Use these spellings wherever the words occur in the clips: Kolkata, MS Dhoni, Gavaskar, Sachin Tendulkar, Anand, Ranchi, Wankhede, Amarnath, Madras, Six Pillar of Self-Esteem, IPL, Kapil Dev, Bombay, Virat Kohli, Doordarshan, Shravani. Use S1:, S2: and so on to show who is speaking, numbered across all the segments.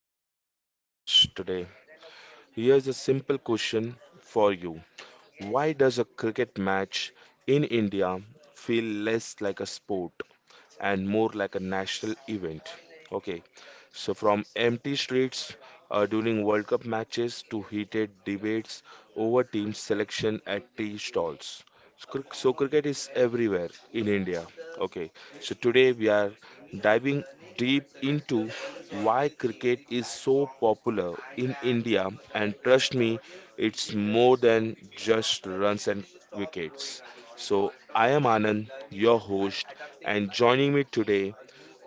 S1: welcome to our podcast today. Here's a simple question for you. Why does a cricket match in India feel less like a sport and more like a national event? Okay, so from empty streets during World Cup matches to heated debates over team selection at tea stalls, so cricket is everywhere in India. Okay, so today we are diving deep into why cricket is so popular in India, and trust me, it's more than just runs and wickets. So I am Anand, your host, and joining me today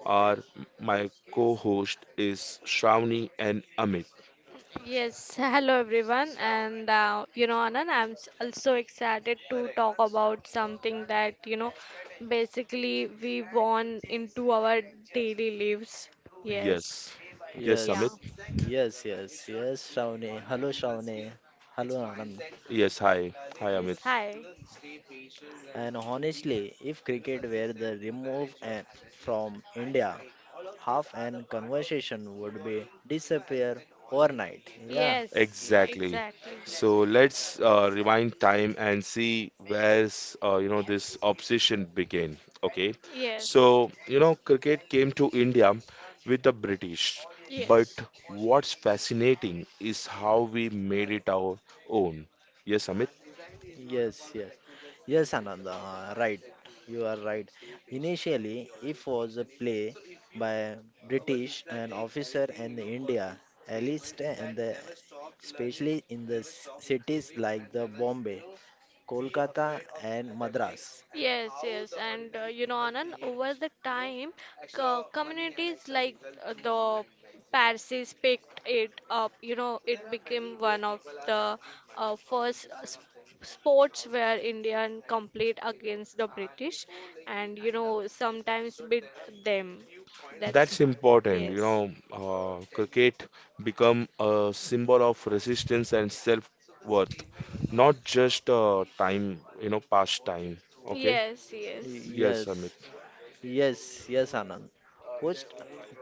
S1: are my co-host is Shravani and Amit.
S2: Yes, hello everyone, and you know, Anand, also excited to talk about something that you know basically we want into our daily lives. Yes,
S1: Yes, yes,
S2: yeah,
S3: Yes,
S1: Amit.
S3: yes, Shravani. Hello, Shravani. Hello, Anand.
S1: Yes, hi, hi, Amit.
S2: yes, hi,
S3: And honestly, if cricket were the remove and from India, half an conversation would be disappear overnight. Yeah.
S2: yes, yeah,
S1: Exactly.
S2: exactly,
S1: So let's rewind time and see where's this obsession began. Okay,
S2: yes,
S1: so cricket came to India with the British, but
S2: yes.
S1: what's fascinating is how we made it our own. Yes, Amit.
S3: Yes, yes. Yes, Ananda. Right. You are right. Initially, if was a play by British an officer in India, enlisted and the, especially in the cities like the Bombay, Kolkata and Madras.
S2: Yes, yes, and you know, Anand, over the time, co communities like the Parsis picked it up. You know, it became one of the first sp sports where Indian compete against the British, and you know, sometimes beat them. That's
S1: That's important.
S2: yes,
S1: Cricket become a symbol of resistance and self-worth, not just time. Past time. Okay.
S2: yes, yes.
S1: Yes,
S3: Yes,
S1: Amit.
S3: yes, yes, Anand. Post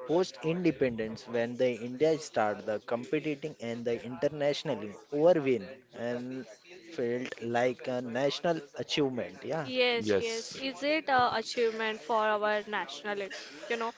S3: post independence when the India start the competing and the internationally over win and felt like a national achievement. Yeah.
S2: Yes, yes.
S1: Yes,
S2: Is it a achievement for our national, you know?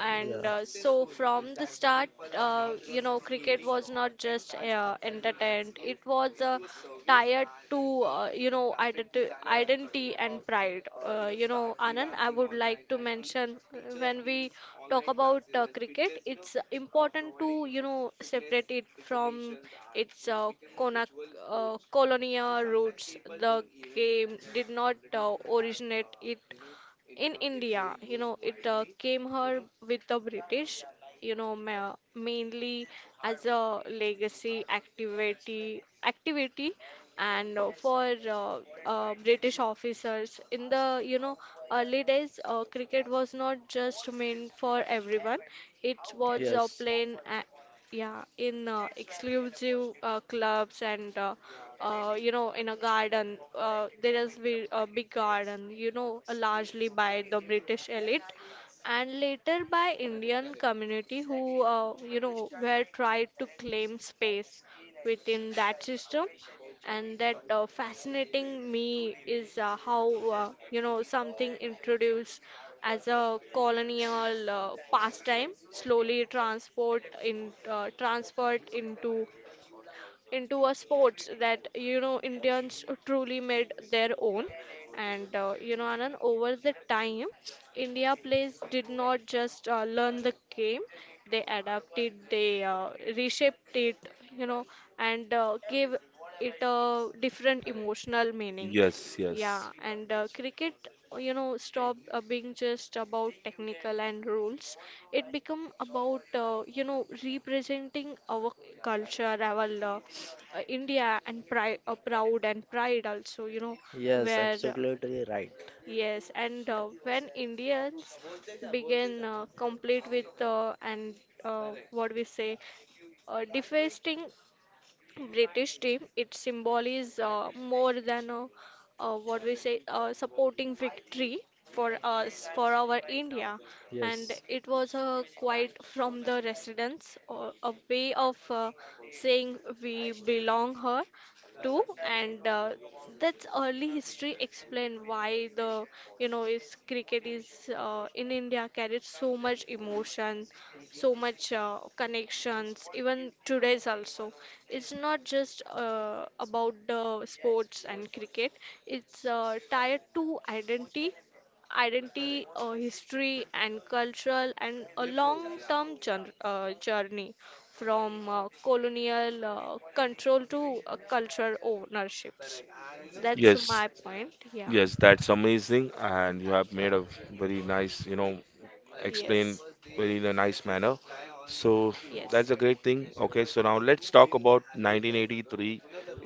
S2: And
S3: Yeah.
S2: so from the start, you know, cricket was not just entertainment. It was tied to, you know, identity and pride. You know, Anand, I would like to mention when we talk about cricket, it's important to you know separate it from its cona- colonial roots. The game did not originate it in India, you know, it came her with the British, you know, mainly as a legacy activity, activity, and for British officers in the, you know, early days, cricket was not just meant for everyone. It was a
S3: Yes.
S2: plain. Yeah, in exclusive clubs and you know in a garden, a big garden, you know, largely by the British elite and later by Indian community who, you know, were tried to claim space within that system. And that fascinating me is how, you know, something introduced as a colonial pastime slowly transport in transferred into a sports that you know Indians truly made their own. And you know, Anand, over the time, India players did not just learn the game; they adapted, they reshaped it, you know, and gave it a different emotional meaning.
S1: yes, yes,
S2: Yeah, and cricket, you know, stopped being just about technical and rules. It become about you know representing our culture, our India, and pride, proud and pride also. You know,
S3: Yes,
S2: where
S3: absolutely right.
S2: yes, and when Indians begin complete with and what we say defacing British team, it symbolizes more than a, what we say, supporting victory for us, for our India. And
S3: Yes.
S2: it was a quite from the residents, or a way of saying we belong here too and that's early history explain why the you know is cricket is in india carried so much emotion so much connections even today's also it's not just about the sports and cricket it's tied to identity, history, and cultural, and a long term journey from colonial control to cultural ownerships. That's
S1: yes,
S2: my point. Yeah.
S1: yes. That's amazing, and you have made a very nice, explained
S2: Yes.
S1: very in a nice manner. So
S2: Yes.
S1: that's a great thing. Okay, so now let's talk about 1983,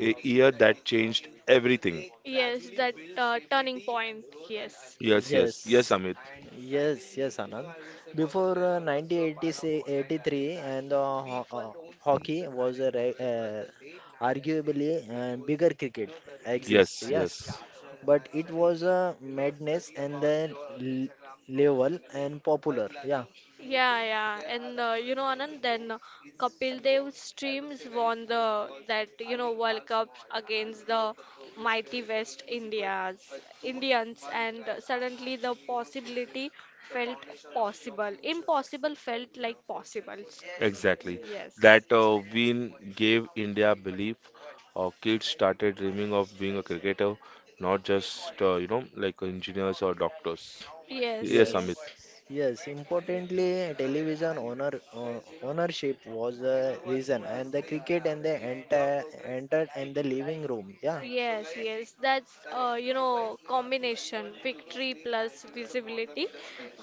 S1: a year that changed everything.
S2: Yes, that turning point. Yes.
S1: Yes,
S3: Yes.
S1: yes, yes, Amit.
S3: Yes, yes, Anand. Before 1983 and the ho hockey was a re arguably bigger cricket exist,
S1: Yes,
S3: yes.
S1: yes.
S3: But it was a madness and then l level and popular, yeah.
S2: Yeah, yeah, and you know, Anand, then Kapil Dev's teams won the that you know World Cups against the mighty West Indias Indians, and suddenly the possibility felt possible. Impossible felt like possibles.
S1: Exactly.
S2: Yes.
S1: That win gave India belief. Kids started dreaming of being a cricketer, not just, like engineers or doctors.
S2: Yes.
S1: Yes,
S3: Yes,
S1: Amit.
S2: Yes.
S3: yes. Importantly, television ownership was a reason, and the cricket and the entered in the living room. Yeah.
S2: Yes, yes, that's you know combination victory plus visibility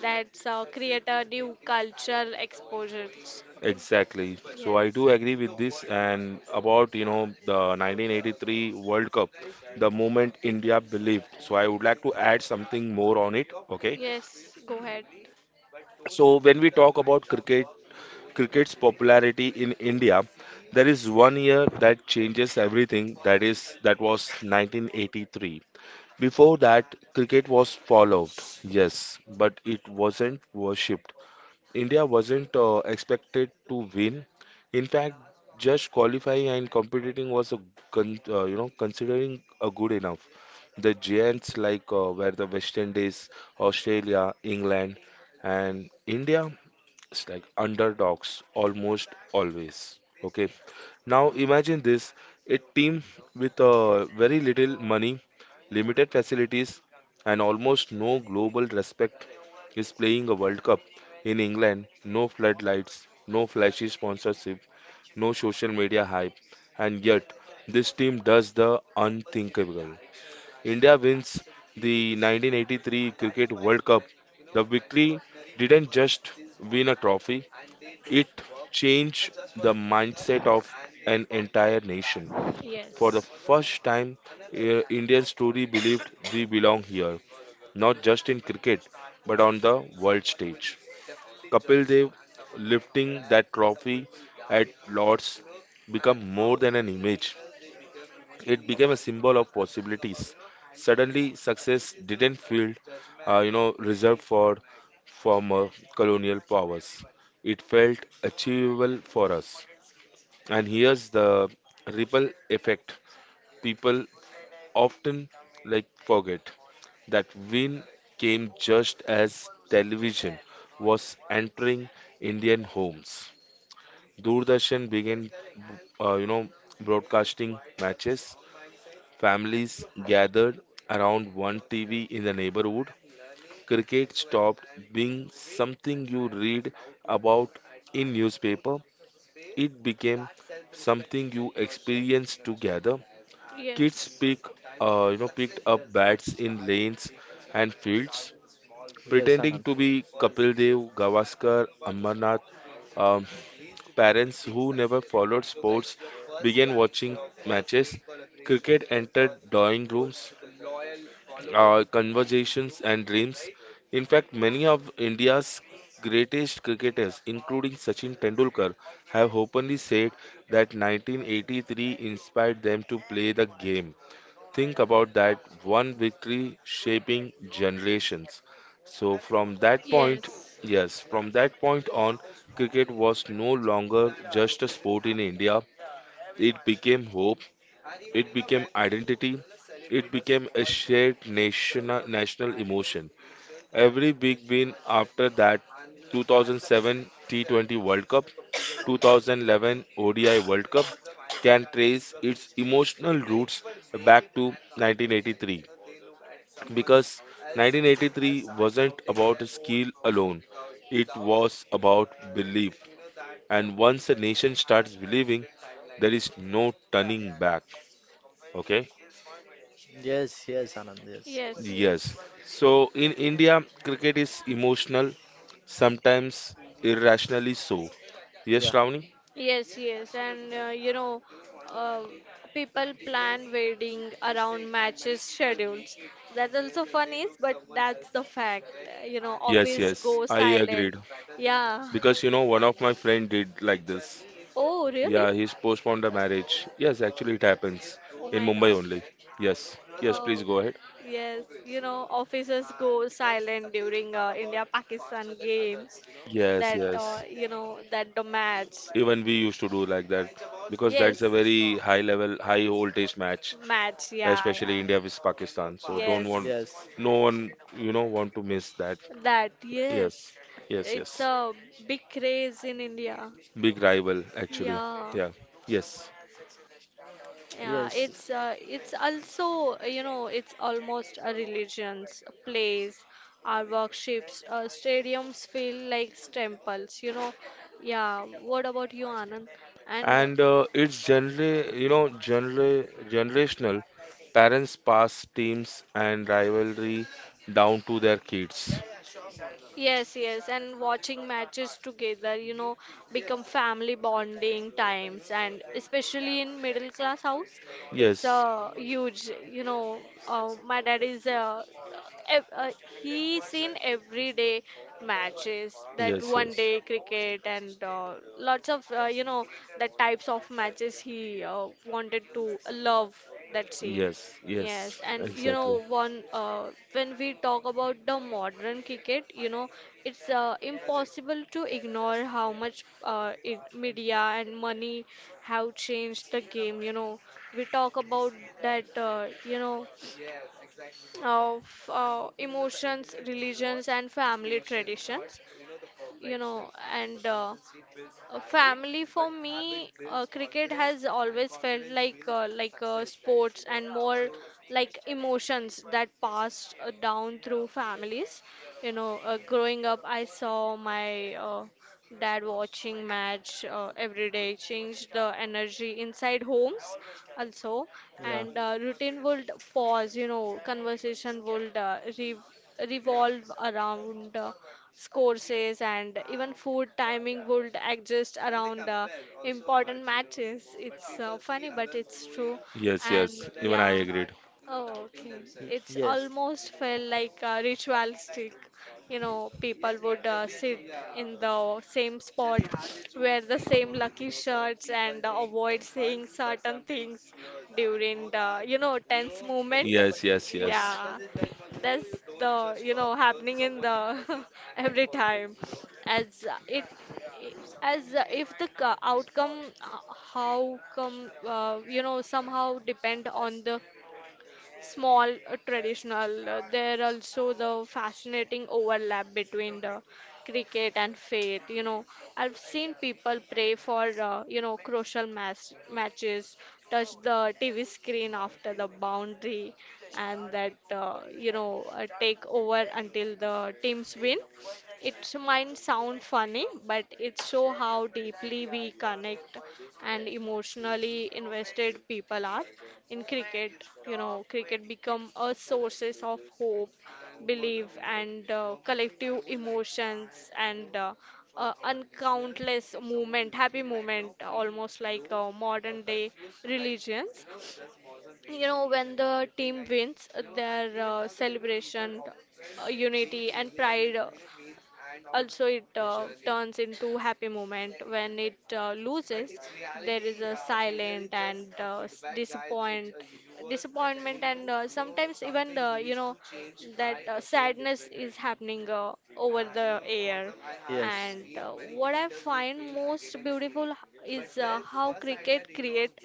S2: that's create a new cultural exposures.
S1: Exactly. So I
S2: Yes,
S1: do agree with this. And about, the 1983 World Cup, the moment India believed. So I would like to add something more on it. Okay.
S2: yes, go ahead.
S1: So when we talk about cricket's popularity in India, there is one year that changes everything. That was 1983. Before that, cricket was followed, yes, but it wasn't worshipped. India wasn't expected to win. In fact, just qualifying and competing was a considering a good enough. The giants like were the West Indies, Australia, England, and India it's like underdogs almost always. Okay. Now imagine this, a team with very little money, limited facilities, and almost no global respect is playing a World Cup in England. No floodlights, no flashy sponsorship, no social media hype, and yet this team does the unthinkable. India wins the 1983 Cricket World Cup. The victory didn't just win a trophy, it changed the mindset of an entire nation. For the first time, Indian story believed we belong here, not just in cricket, but on the world stage. Kapil Dev lifting that trophy at Lord's become more than an image, it became a symbol of possibilities. Suddenly, success didn't feel, reserved for former colonial powers. It felt achievable for us. And here's the ripple effect. People often like forget that win came just as television was entering Indian homes. Doordarshan began, uh, you know, broadcasting matches. Families gathered around one TV in the neighborhood. Cricket stopped being something you read about in newspaper. It became something you experienced together. Kids
S2: Yes,
S1: pick, uh, you know, picked up
S2: yes,
S1: bats in lanes and fields,
S3: Yes,
S1: pretending
S3: Anand.
S1: to be Kapil Dev, Gavaskar, Amarnath. Um, Parents who never followed sports began watching matches. Cricket entered drawing rooms, conversations and dreams. In fact, many of India's greatest cricketers, including Sachin Tendulkar, have openly said that 1983 inspired them to play the game. Think about that one victory shaping generations. So, from that point,
S2: yes,
S1: yes, from that point on, cricket was no longer just a sport in India. It became hope, it became identity. It became a shared national emotion. Every big win after that 2007 T20 World Cup, 2011 ODI World Cup can trace its emotional roots back to 1983 because 1983 wasn't about skill alone, it was about belief. And once a nation starts believing, there is no turning back. Okay.
S3: Yes, yes, Anand, yes.
S2: yes,
S1: Yes.
S2: yes.
S1: So in India, cricket is emotional, sometimes irrationally so. Yes,
S3: Yeah,
S1: Shravani?
S2: Yes, yes, and you know, uh, people plan wedding around matches schedules. That also fun is, but that's the fact. You know,
S1: Yes,
S2: office
S1: yes,
S2: goes
S1: I
S2: silent.
S1: agreed.
S2: Yeah.
S1: Because one of my friend did like this.
S2: Oh, really?
S1: Yeah, he's postponed the marriage. Yes, actually, it happens
S2: Oh
S1: in
S2: my
S1: Mumbai
S2: God.
S1: only. Yes, yes, please
S2: Oh,
S1: go ahead.
S2: yes. You know, officers go silent during India-Pakistan games.
S1: Yes,
S2: That
S1: yes.
S2: you know, that the match.
S1: Even we used to do like that because
S2: Yes.
S1: that's a very high level, high voltage match,
S2: Match, yeah, yeah.
S1: especially India with Pakistan. So don't
S3: yes.
S2: Yes,
S1: want,
S3: Yes,
S1: no one, want to miss that.
S2: that,
S1: Yes,
S2: yes.
S1: yes,
S2: It's
S1: yes.
S2: a big craze in India.
S1: Big rival, actually.
S2: Yeah.
S1: Yeah, yes.
S3: yeah.
S2: Yeah, it's it's also, you know, it's almost a religions, place. Our workshops, stadiums feel like temples, you know. Yeah, what about you, Anand? And
S1: And it's generally generational. Parents pass teams and rivalry down to their kids.
S2: yes, yes, and watching matches together, you know, become family bonding times, and especially in middle class house, it's
S1: Yes,
S2: a huge, you know, my dad is ev he's seen everyday matches that
S1: yes,
S2: one
S1: yes,
S2: day cricket and lots of you know the types of matches he wanted to love that scene.
S1: yes,
S2: Yes,
S1: yes.
S2: and you
S1: Exactly.
S2: know, one when we talk about the modern cricket, you know, it's impossible to ignore how much it, media and money have changed the game. You know, we talk about that, you know, of emotions, religions, and family traditions. You know, and family for me, cricket has always felt like sports and more like emotions that passed down through families. You know, growing up, I saw my dad watching match every day, changed the energy inside homes also, and routine would pause. You know, conversation would re revolve around courses and even food timing would adjust around important matches. It's funny, but it's true.
S1: Yes,
S2: And
S1: yes. Even I
S2: yeah,
S1: agreed.
S2: oh, okay.
S3: Y-
S2: It's
S3: Yes,
S2: almost felt like ritualistic. You know, people would sit in the same spot, wear the same lucky shirts, and avoid saying certain things during the, you know, tense moment.
S1: Yes, yes, yes.
S2: Yeah, that's the you know happening in the every time as uh, it i- as if the outcome h- how come you know somehow depend on the small traditional there also the fascinating overlap between the cricket and faith, you know. I've seen people pray for you know crucial matches, touch the TV screen after the boundary, and that you know take over until the teams win. It might sound funny, but it shows how deeply we connect and emotionally invested people are in cricket. You know, cricket become a sources of hope, belief, and collective emotions. And uncountless movement, happy movement, almost like modern day religions. You know, when the team wins, their celebration, unity, and pride. Also it turns into happy moment. When it loses there is a silent and disappointment and sometimes even the you know that sadness is happening over the air,
S3: Yes.
S2: and what I find most beautiful is how cricket create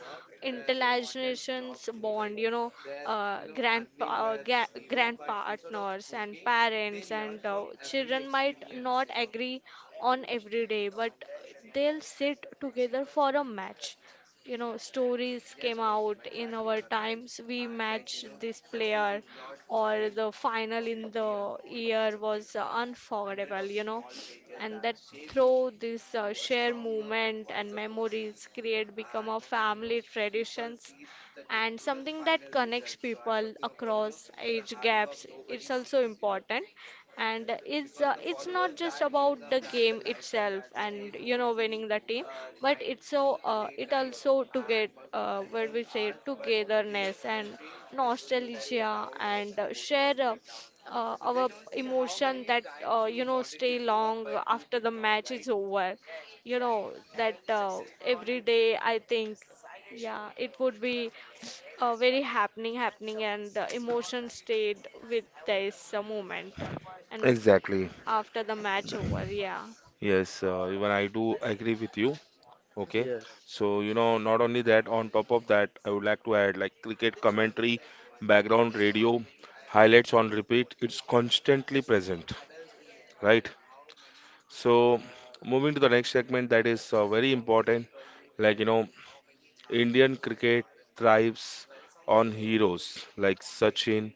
S2: intergenerations bond, you know. Grand partners and parents and children might not agree on every day, but they'll sit together for a match. You know, stories came out in our times we matched this player or the final in the year was unforgettable, you know. And that through this shared moment and memories create become a family traditions and something that connects people across age gaps it's also important, and it's it's not just about the game itself and you know winning the team but it's so it also to get what we say togetherness and nostalgia and share our emotion that you know stay long after the match is over. You know that every day I think yeah it would be very happening and the emotion stayed with this moment and
S1: Exactly.
S2: after the match over. Yeah,
S1: Yes, even I do agree with you. Okay,
S3: Yes.
S1: so not only that, on top of that, I would like to add like cricket commentary, background radio, highlights on repeat, it's constantly present, right? So, moving to the next segment that is very important, like Indian cricket thrives on heroes like Sachin,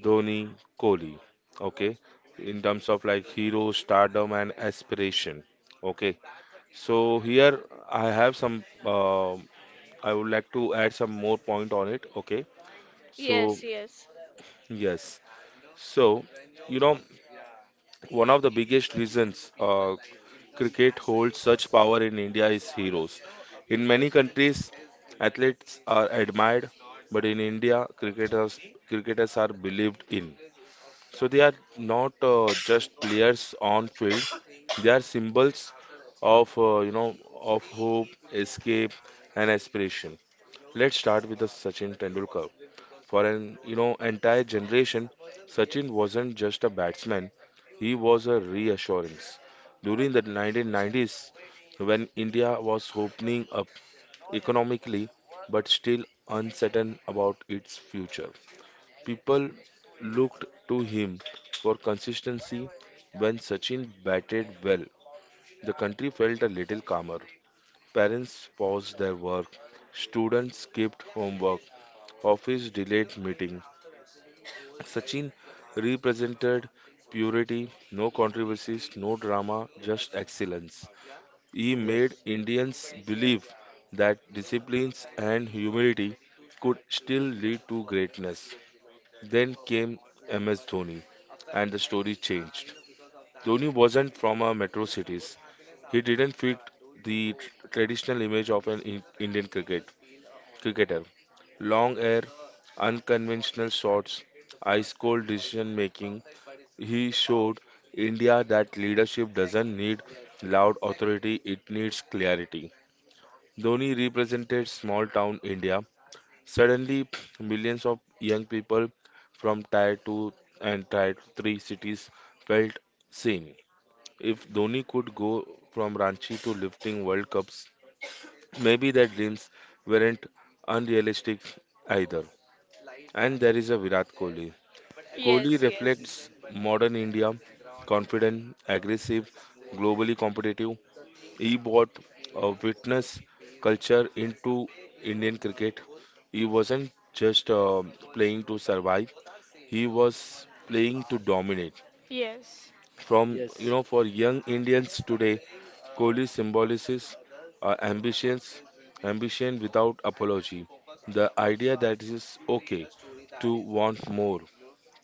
S1: Dhoni, Kohli, okay, in terms of like hero stardom and aspiration, okay. So, here I have some. I would like to add some more point on it. Okay. So,
S2: yes, yes,
S1: yes. So, you know, one of the biggest reasons cricket holds such power in India is heroes. In many countries, athletes are admired, but in India, cricketers are believed in. So they are not just players on field; they are symbols of you know of hope, escape, and aspiration. Let's start with the Sachin Tendulkar. For an entire generation, Sachin wasn't just a batsman; he was a reassurance. During the 1990s, when India was opening up economically but still uncertain about its future, people looked to him for consistency. When Sachin batted well, the country felt a little calmer. Parents paused their work, students skipped homework, office delayed meeting. Sachin represented purity, no controversies, no drama, just excellence. He made
S3: Yes.
S1: Indians believe that disciplines and humility could still lead to greatness. Then came MS Dhoni, and the story changed. Dhoni wasn't from a metro cities. He didn't fit the traditional image of an Indian cricketer. Long hair, unconventional shots, ice cold decision making, he showed India that leadership doesn't need loud authority, it needs clarity. Dhoni represented small town India. Suddenly, millions of young people from tier 2 and tier 3 cities felt seen. If Dhoni could go from Ranchi to lifting World Cups, maybe their dreams weren't unrealistic either. And there is a Virat Kohli. Kohli
S2: yes,
S1: reflects
S2: yes,
S1: modern India, confident, aggressive, globally competitive. He brought a witness culture into Indian cricket. He wasn't just playing to survive, he was playing to dominate.
S2: yes,
S3: Yes.
S1: From,
S3: Yes.
S1: for young Indians today, Kohli symbolizes uh, ambitions, ambition without apology. The idea that it is okay to want more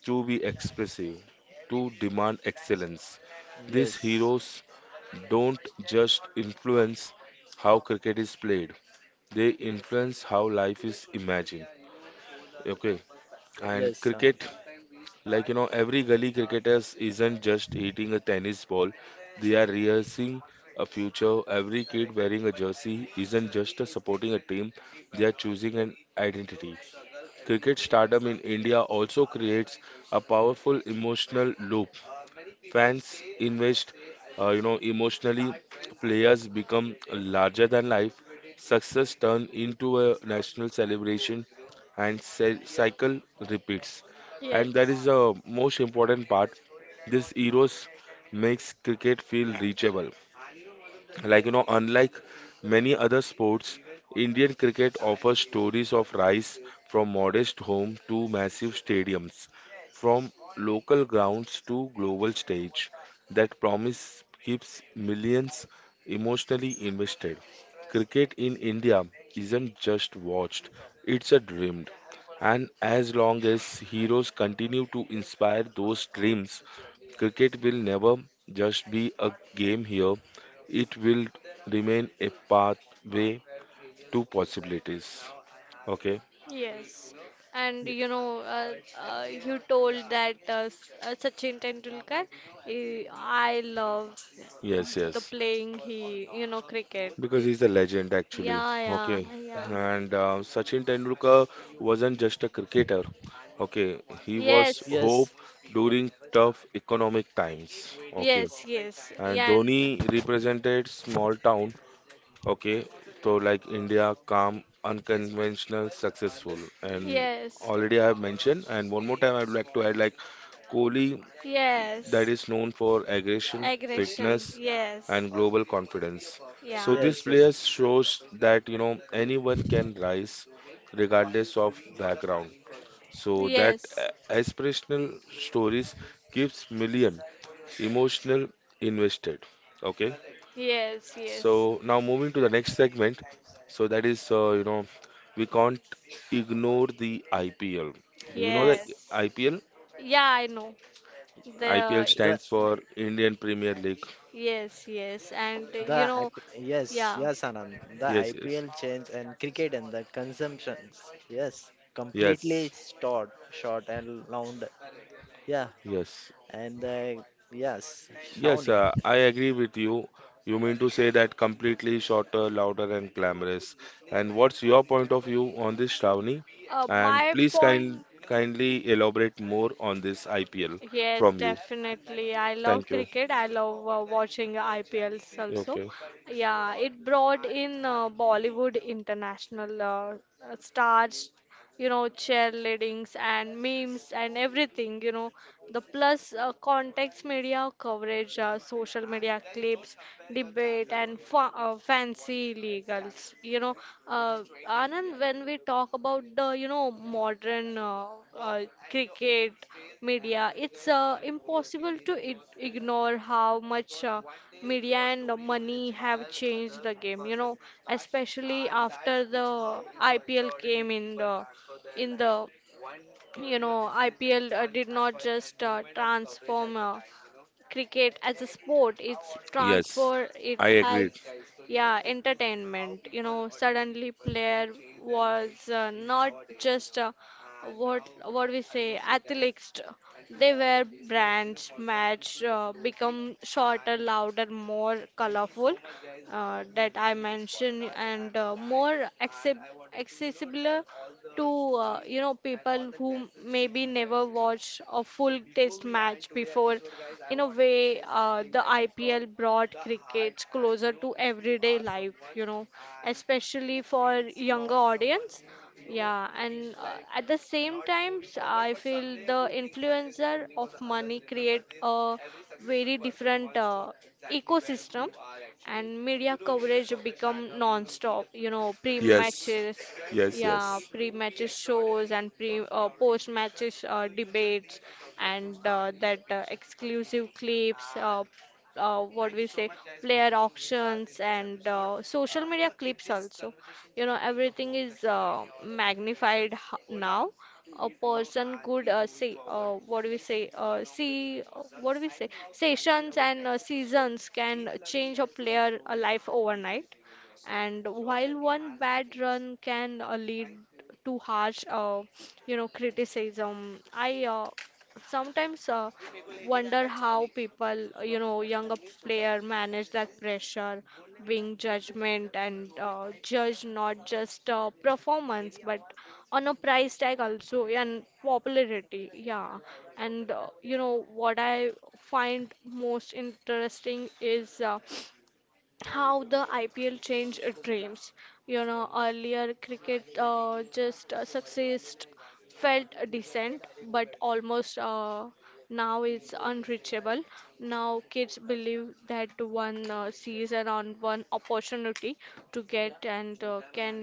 S1: to be expressive, to demand excellence. These
S3: Yes, Anand.
S1: heroes don't just influence how cricket is played, they influence how life is imagined. Okay, and cricket, like every gully cricketers isn't just hitting a tennis ball, they are rehearsing a future. Every kid wearing a jersey isn't just a supporting a team, they are choosing an identity. Cricket stardom in India also creates a powerful emotional loop. Fans invest, emotionally. Players become larger than life. Success turn into a national celebration, and cycle repeats. And that is
S2: yes,
S1: the most important part. This Euros makes cricket feel reachable. Like, unlike many other sports, Indian cricket offers stories of rise from modest home to massive stadiums, from local grounds to global stage. That promise keeps millions emotionally invested. Cricket in India isn't just watched, it's a dreamed. And as long as heroes continue to inspire those dreams, cricket will never just be a game here, it will remain a pathway to possibilities. Okay,
S2: yes. And you know, you told that Sachin Tendulkar, eh, I love
S1: yes,
S2: the
S1: yes,
S2: playing he, you know, cricket. Eh,
S1: because he's a legend actually.
S2: yeah,
S1: Okay,
S2: yeah, yeah.
S1: and Sachin Tendulkar wasn't just a cricketer, okay, he was
S2: Yes,
S1: hope
S3: Yes.
S1: during tough economic times. Okay,
S2: yes, yes.
S1: and
S2: Yeah, and
S1: Dhoni represented small town. Okay, so like India, calm, unconventional, successful, and
S2: yes,
S1: already I have mentioned. And one more time, I'd like to add like Kohli, that
S2: yes.
S1: is known for aggression, fitness,
S2: Aggression, yes,
S1: and global confidence. So
S2: yeah.
S1: this
S3: Yes, yes.
S1: player shows that anyone can rise, regardless of background.
S3: It.
S1: So that
S2: Yes,
S1: aspirational stories keeps million emotional invested. Okay.
S2: yes, yes,
S1: So now moving to the next segment. So that is, we
S3: Y-
S1: can't ignore the IPL. Do you know the
S2: yes.
S3: Yes.
S1: IPL?
S2: Yeah, I know.
S1: IPL
S2: The
S3: The
S1: stands for Indian Premier League.
S2: yes, yes, and
S3: the
S2: you know,
S3: IP, yes,
S2: yeah.
S3: yes, Anand. The
S1: Yes, yes,
S3: IPL change and cricket and the consumptions. Yes, completely
S1: yes,
S3: short short and round. Yeah,
S1: yes,
S3: and the yes,
S1: yes.
S3: Shawnee.
S1: I agree with you. You mean to say that completely shorter, louder, and glamorous. And what's your point of view on this, Shravani? And
S2: My
S1: please
S2: point,
S1: kindly elaborate more on this IPL
S2: yes,
S1: from you.
S2: definitely. I love
S1: Thank you.
S2: cricket. I love watching IPLs also.
S1: Okay.
S2: Yeah, it brought in Bollywood international stars, you know, cheerleadings and memes and everything, you know, the plus context media coverage, social media clips, debate and fancy legals, you know. uh, Anand, when we talk about the you know modern uh, cricket media it's impossible to ignore how much media and money have changed the game, you know, especially after the IPL came in the you know IPL did not just transform cricket as a sport. It's
S1: Yes,
S2: transfer it
S1: I
S2: has
S1: agreed.
S2: yeah entertainment, you know, suddenly player was not just what what we say athletes, they were brands. Match become shorter, louder, more colorful, that I mentioned and more accessible to you know people who maybe never watched a full test match before. In a way, the IPL brought cricket closer to everyday life, you know, especially for younger audience. Yeah, and at the same time, I feel the influencer of money create a very different ecosystem, and media coverage become non-stop, you know,
S1: Yes, yes, yes,
S2: pre-matches shows and pre post-matches debates and that exclusive clips, what we say player auctions and social media clips also. You know, everything is magnified now. A person could say what do we say see what do we say sessions and seasons can change a player life overnight, and while one bad run can lead to harsh, criticism. I Sometimes wonder how people, younger player manage that pressure, being judgment and judge not just performance but on a price tag also and popularity. Yeah, and you know what I find most interesting is how the IPL changed dreams. You know, earlier cricket just success felt decent, but almost now it's unreachable. Now kids believe that one season on one opportunity to get and can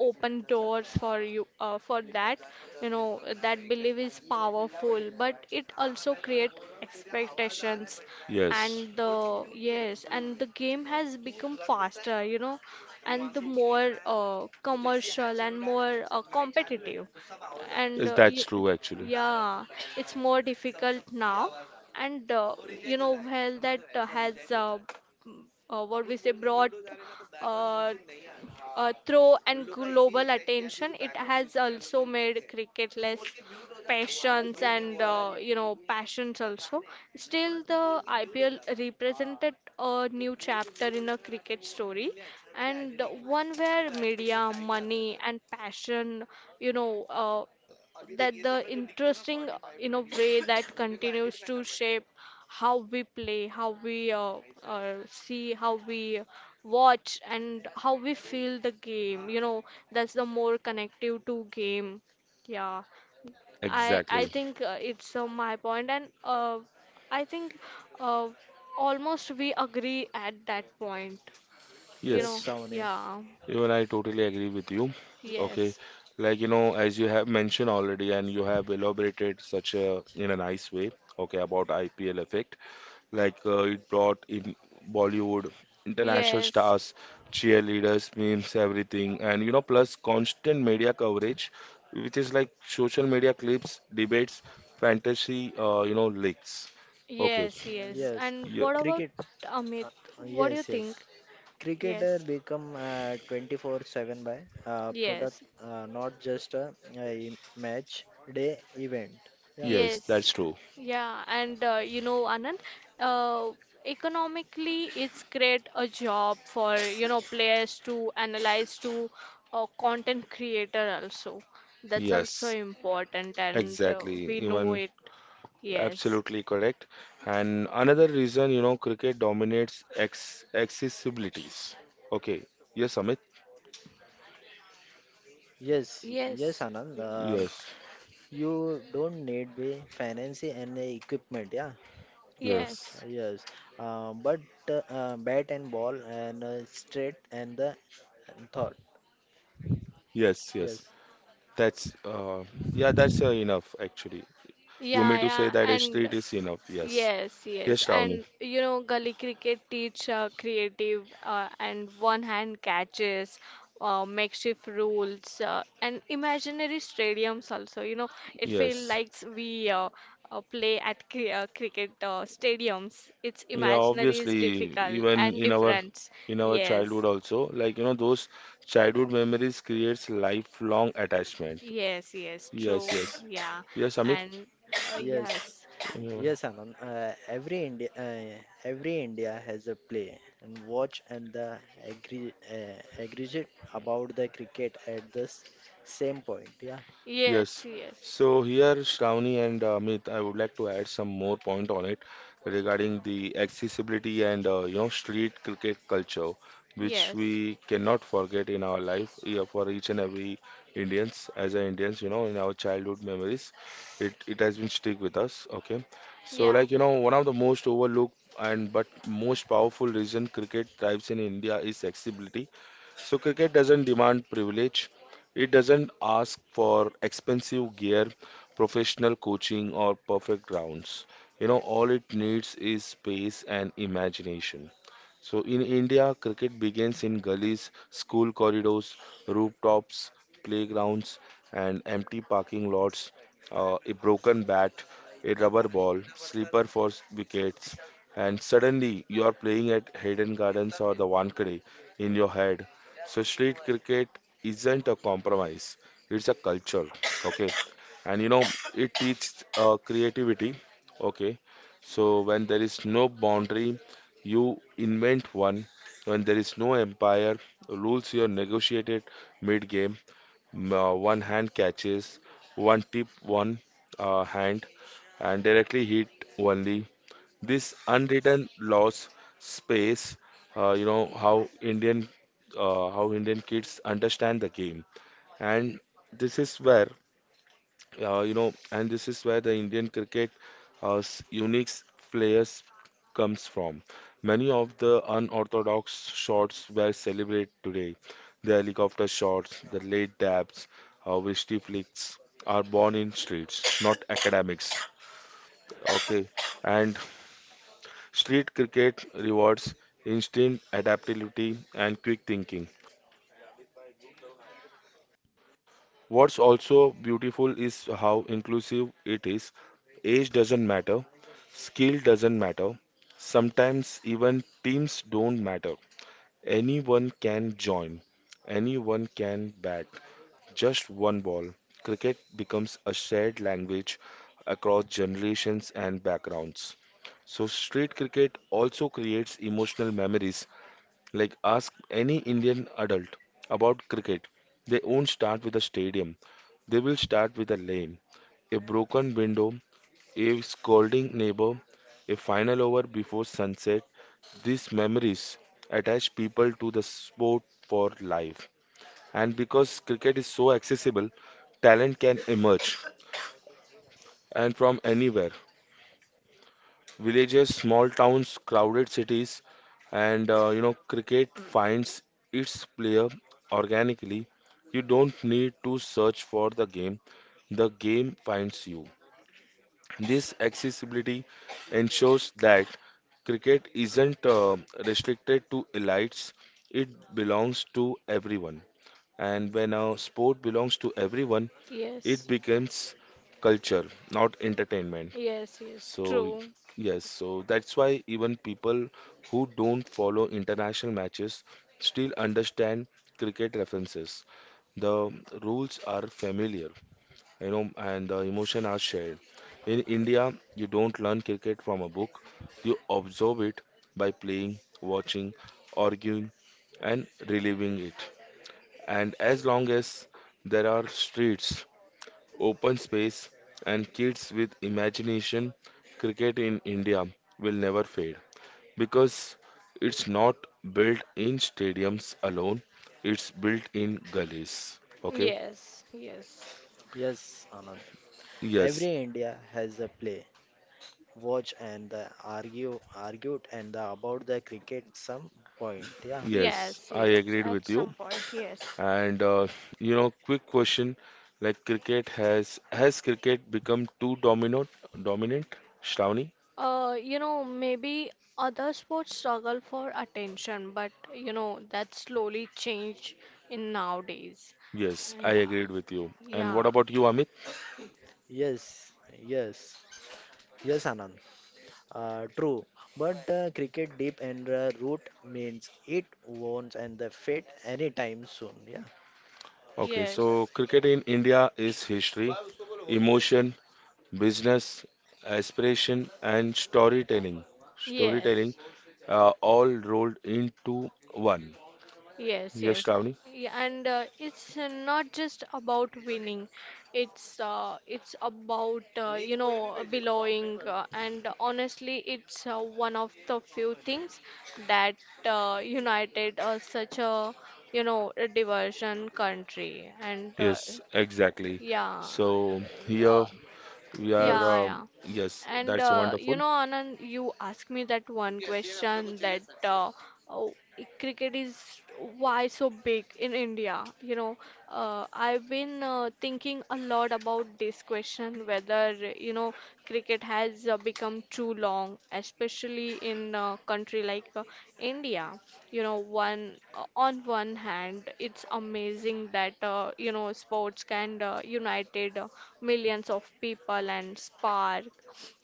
S2: open doors for you for that. You know, that belief is powerful, but it also create expectations.
S1: yes.
S2: And the game has become faster, you know, and the more commercial and more competitive, and
S1: Yes,
S2: uh,
S1: that's
S2: y-
S1: true actually.
S2: yeah, it's more difficult now. And you know, well, that has what we say brought uh, through and global attention. It has also made cricket less passions, and you know, passions also. Still, the IPL represented a new chapter in a cricket story, and one where media, money, and passion, you know uh, that the interesting in a way that continues to shape how we play, how we see, how we watch, and how we feel the game. You know, that's the more connective to game. Yeah, I
S1: Exactly.
S2: think it's my point, and I think uh, almost we agree at that point. You
S3: Yes,
S1: Yes,
S2: know,
S3: Shawnee.
S2: yeah,
S1: even I totally agree with you. Okay,
S2: yes,
S1: like as you have mentioned already, and you have elaborated such a in a nice way. Okay, about IPL effect, it brought in Bollywood, international
S2: yes.
S1: stars, cheerleaders, memes, everything, and plus constant media coverage, which is like social media clips, debates, fantasy, leaks. Okay,
S2: Yes, yes.
S3: Yes,
S2: And
S1: yeah,
S2: what about
S3: cricket.
S2: Amit?
S3: Uh,
S2: What do you
S3: yes, yes.
S2: think?
S3: Cricketer
S2: Yes,
S3: become 24/7 by product,
S2: yes,
S3: not just a match day event. Yeah.
S1: yes, that's
S2: yes.
S1: true.
S2: Yeah, and you know, Anand, uh, economically, it's create a job for, you know, players to analyze, to content creator also. That's also
S1: Yes,
S2: important, and
S1: exactly.
S2: we know
S1: Even
S2: it. Yes,
S1: Absolutely correct. And another reason, you know, cricket dominates ex accessibilities. Okay. Yes, Amit.
S3: Yes. Yes,
S2: yes,
S3: Anand.
S1: Yes.
S3: You don't need be fancy and the equipment. Yeah. Uh,
S1: Yes.
S2: yes.
S3: yes. But bat and ball and straight and the thought.
S1: Yes. Yes.
S3: Yes.
S1: That's yeah, that's Enough actually. You
S2: Yeah,
S1: mean to say
S2: yeah,
S1: that a street
S2: and
S1: is enough? Yes.
S2: yes,
S1: Yes,
S2: yes,
S1: Shravani.
S2: and you know, gully cricket teach creative and one-hand catches, makeshift rules, and imaginary stadiums also. You know, it feels
S1: Yes.
S2: like we, play at cri cricket stadiums. It's
S1: Yeah,
S2: imaginary is
S1: obviously,
S2: difficult
S1: even
S2: and
S1: in our
S2: different.
S1: in our
S2: Yes,
S1: childhood also, like you know, those childhood memories creates lifelong attachment.
S2: yes, yes, true.
S1: Yes, yes.
S2: Yeah,
S1: Yes, Amit.
S2: and
S3: Yes,
S2: yes,
S1: Yeah.
S3: yes, Anand. Every India has a play and watch and the agree, aggregate about the cricket at the same point. Yeah,
S2: yes,
S1: Yes.
S2: yes,
S1: So here, Shravani and Amit, I would like to add some more point on it regarding the accessibility and you know street cricket culture, which
S2: yes,
S1: we cannot forget in our life yeah, for each and every Indians. As a Indians, you know, in our childhood memories, it has been stick with us. Okay. So
S2: yeah.
S1: like you know, one of the most overlooked and but most powerful reason cricket thrives in India is accessibility so cricket doesn't demand privilege. It doesn't ask for expensive gear, professional coaching, or perfect grounds. You know, all it needs is space and imagination. So in India, cricket begins in gullies, school corridors, rooftops, playgrounds, and empty parking lots, a broken bat, a rubber ball, slipper for wickets, and suddenly you are playing at Hayden Gardens or the Wankhede in your head so street cricket isn't a compromise; it's a culture. Okay, and you know it teaches creativity. Okay, so when there is no boundary, you invent one. When there is no empire, rules you are negotiated mid-game. One hand catches, one tip, one hand, and directly hit only. This unwritten laws space, you know, how Indian kids understand the game, and this is where the Indian cricket unique players comes from. Many of the unorthodox shots were celebrated today. The helicopter shots, the late dabs, wristy flicks are born in streets, not academics. Okay, and Street cricket rewards instinct, adaptability, and quick thinking. What's also beautiful is how inclusive it is. Age doesn't matter, skill doesn't matter, sometimes even teams don't matter. Anyone can join, anyone can bat. Just one ball. Cricket becomes a shared language across generations and backgrounds. So, street cricket also creates emotional memories. Like, ask any Indian adult about cricket. They won't start with a stadium. They will start with a lane, a broken window, a scolding neighbor, a final over before sunset. These memories attach people to the sport for life. And because cricket is so accessible, talent can emerge and from anywhere. Villages, small towns, crowded cities, and you know, cricket finds its player organically. You don't need to search for the game finds you. This accessibility ensures that cricket isn't restricted to elites, it belongs to everyone. And when a sport belongs to everyone, it
S2: Yes,
S1: becomes culture, not entertainment.
S2: yes, yes,
S1: So,
S2: true.
S1: yes, so that's why even people who don't follow international matches still understand cricket references. The rules are familiar, you know, and the emotion are shared. In India, you don't learn cricket from a book, you observe it by playing, watching, arguing, and reliving it. And as long as there are streets, open space, and kids with imagination, cricket in India will never fade because it's not built in stadiums alone, it's built in gullies. Okay?
S2: Yes, yes,
S3: yes, Anand.
S1: Yes,
S3: Every India has a play, watch and the argue, argued and the about the cricket some point. Yeah,
S1: yes,
S2: yes,
S1: I
S2: yes,
S1: agreed
S2: at
S1: with you.
S2: some point, yes.
S1: And you know, quick question like cricket has cricket become too dominant, Shravani?
S2: You know, maybe other sports struggle for attention, but you know, that slowly change in nowadays.
S1: Yes, I
S2: And
S1: agreed with you. And what
S2: yeah,
S1: about you, Amit?
S3: yes, yes, yes, Anand. True, but cricket deep and root means it won't end the fate anytime soon. Yeah.
S1: Okay, so
S2: yes,
S1: cricket in India is history, emotion, business, aspiration, and storytelling. Storytelling
S2: yes.
S1: all rolled into one.
S2: Yes,
S1: Yes,
S2: yes.
S1: Shravani?
S2: Yeah, and it's not just about winning. It's about, you know, belonging. And honestly, it's one of the few things that united such a, you know, a diversion country. And
S1: Yes, exactly.
S2: yeah,
S1: So here
S2: uh,
S1: we
S2: yeah,
S1: are.
S3: Yes.
S2: yeah.
S1: Yes,
S2: And
S1: that's
S2: you
S1: wonderful.
S2: know, Anand, you asked me that one question that oh, cricket is why so big in India. You know, I've been thinking a lot about this question, whether, you know, cricket has become too long, especially in a country like India. You know, one on one hand, it's amazing that, you know, sports can united millions of people, and spark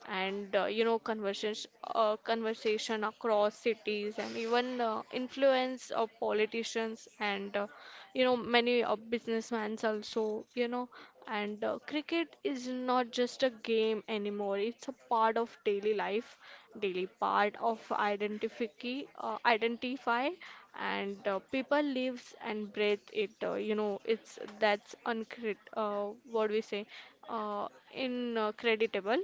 S2: and, you know, conversation across cities, and even influence of politicians and, you know, many businessmen also, you know. And cricket is not just a game anymore, it's a part of daily life, daily part of identify identify, and people lives and breathe it. You know, it's that's uncrit what we say uh, incredible.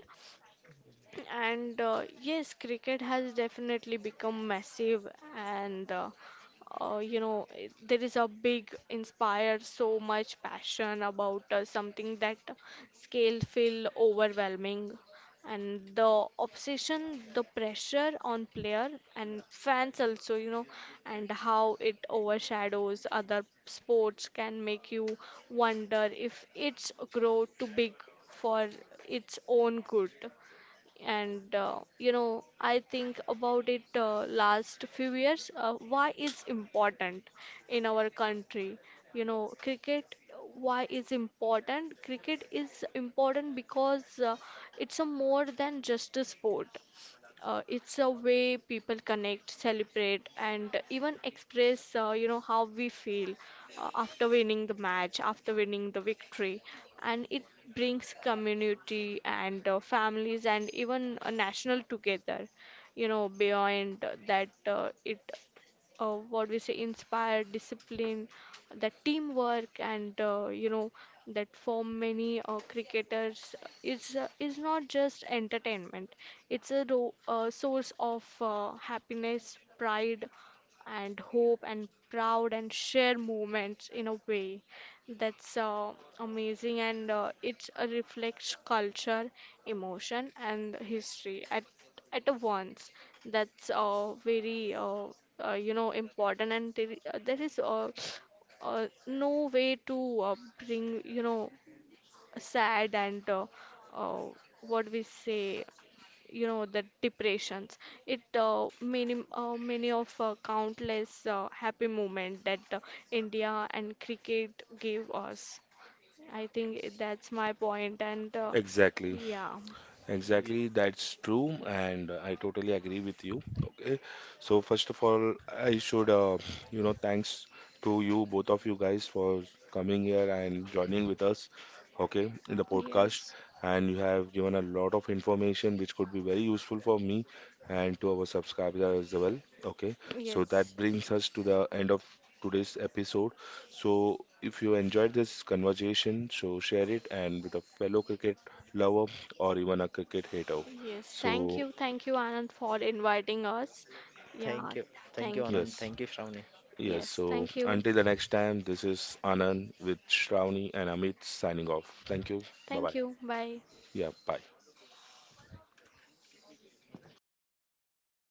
S2: And yes, cricket has definitely become massive, and you know, there is a big inspire so much passion about something that scale feel overwhelming, and the obsession, the pressure on player and fans also, you know, and how it overshadows other sports can make you wonder if it's grow too big for its own good. And you know, I think about it last few years, why it's important in our country. You know, cricket, why is important, cricket is important because it's a more than just a sport. It's a way people connect, celebrate, and even express, you know, how we feel after winning the match, after winning the victory. And it brings community and families and even a national together. You know, beyond that, it what we say inspire discipline, the teamwork, and, you know, that for many cricketers is not just entertainment, it's a source of happiness, pride, and hope, and proud, and share moments in a way that's amazing. And it reflects culture, emotion, and history at a once. That's very you know, important. And there, there is no way to bring, you know, sad and, uh, what we say you know, the depressions. It many of countless happy moment that India and cricket gave us. I think that's my point, and
S1: Exactly.
S2: yeah,
S3: Ye-
S1: Exactly, that's true, and I totally agree with you. Okay, so first of all, I should thanks to you, both of you guys, for coming here and joining with us, okay, in the podcast.
S2: yes,
S1: And you have given a lot of information which could be very useful for me and to our subscribers as well. Okay, so
S2: yes,
S1: that brings us to the end of today's episode. So if you enjoyed this conversation, so share it and with a fellow cricket lover or even a cricket hater.
S2: yes.
S1: So,
S2: Thank you, Anand, for inviting us.
S3: Thank
S2: Yeah,
S3: you. Thank you,
S2: thank you.
S3: Anand.
S1: yes,
S3: Thank you, Shravani.
S1: yes.
S2: Yes,
S1: So,
S2: thank you,
S1: until the next time, this is Anand with Shravani and Amit signing off. Thank you. Bye
S2: thank
S1: bye.
S2: you. Bye.
S1: Yeah, bye.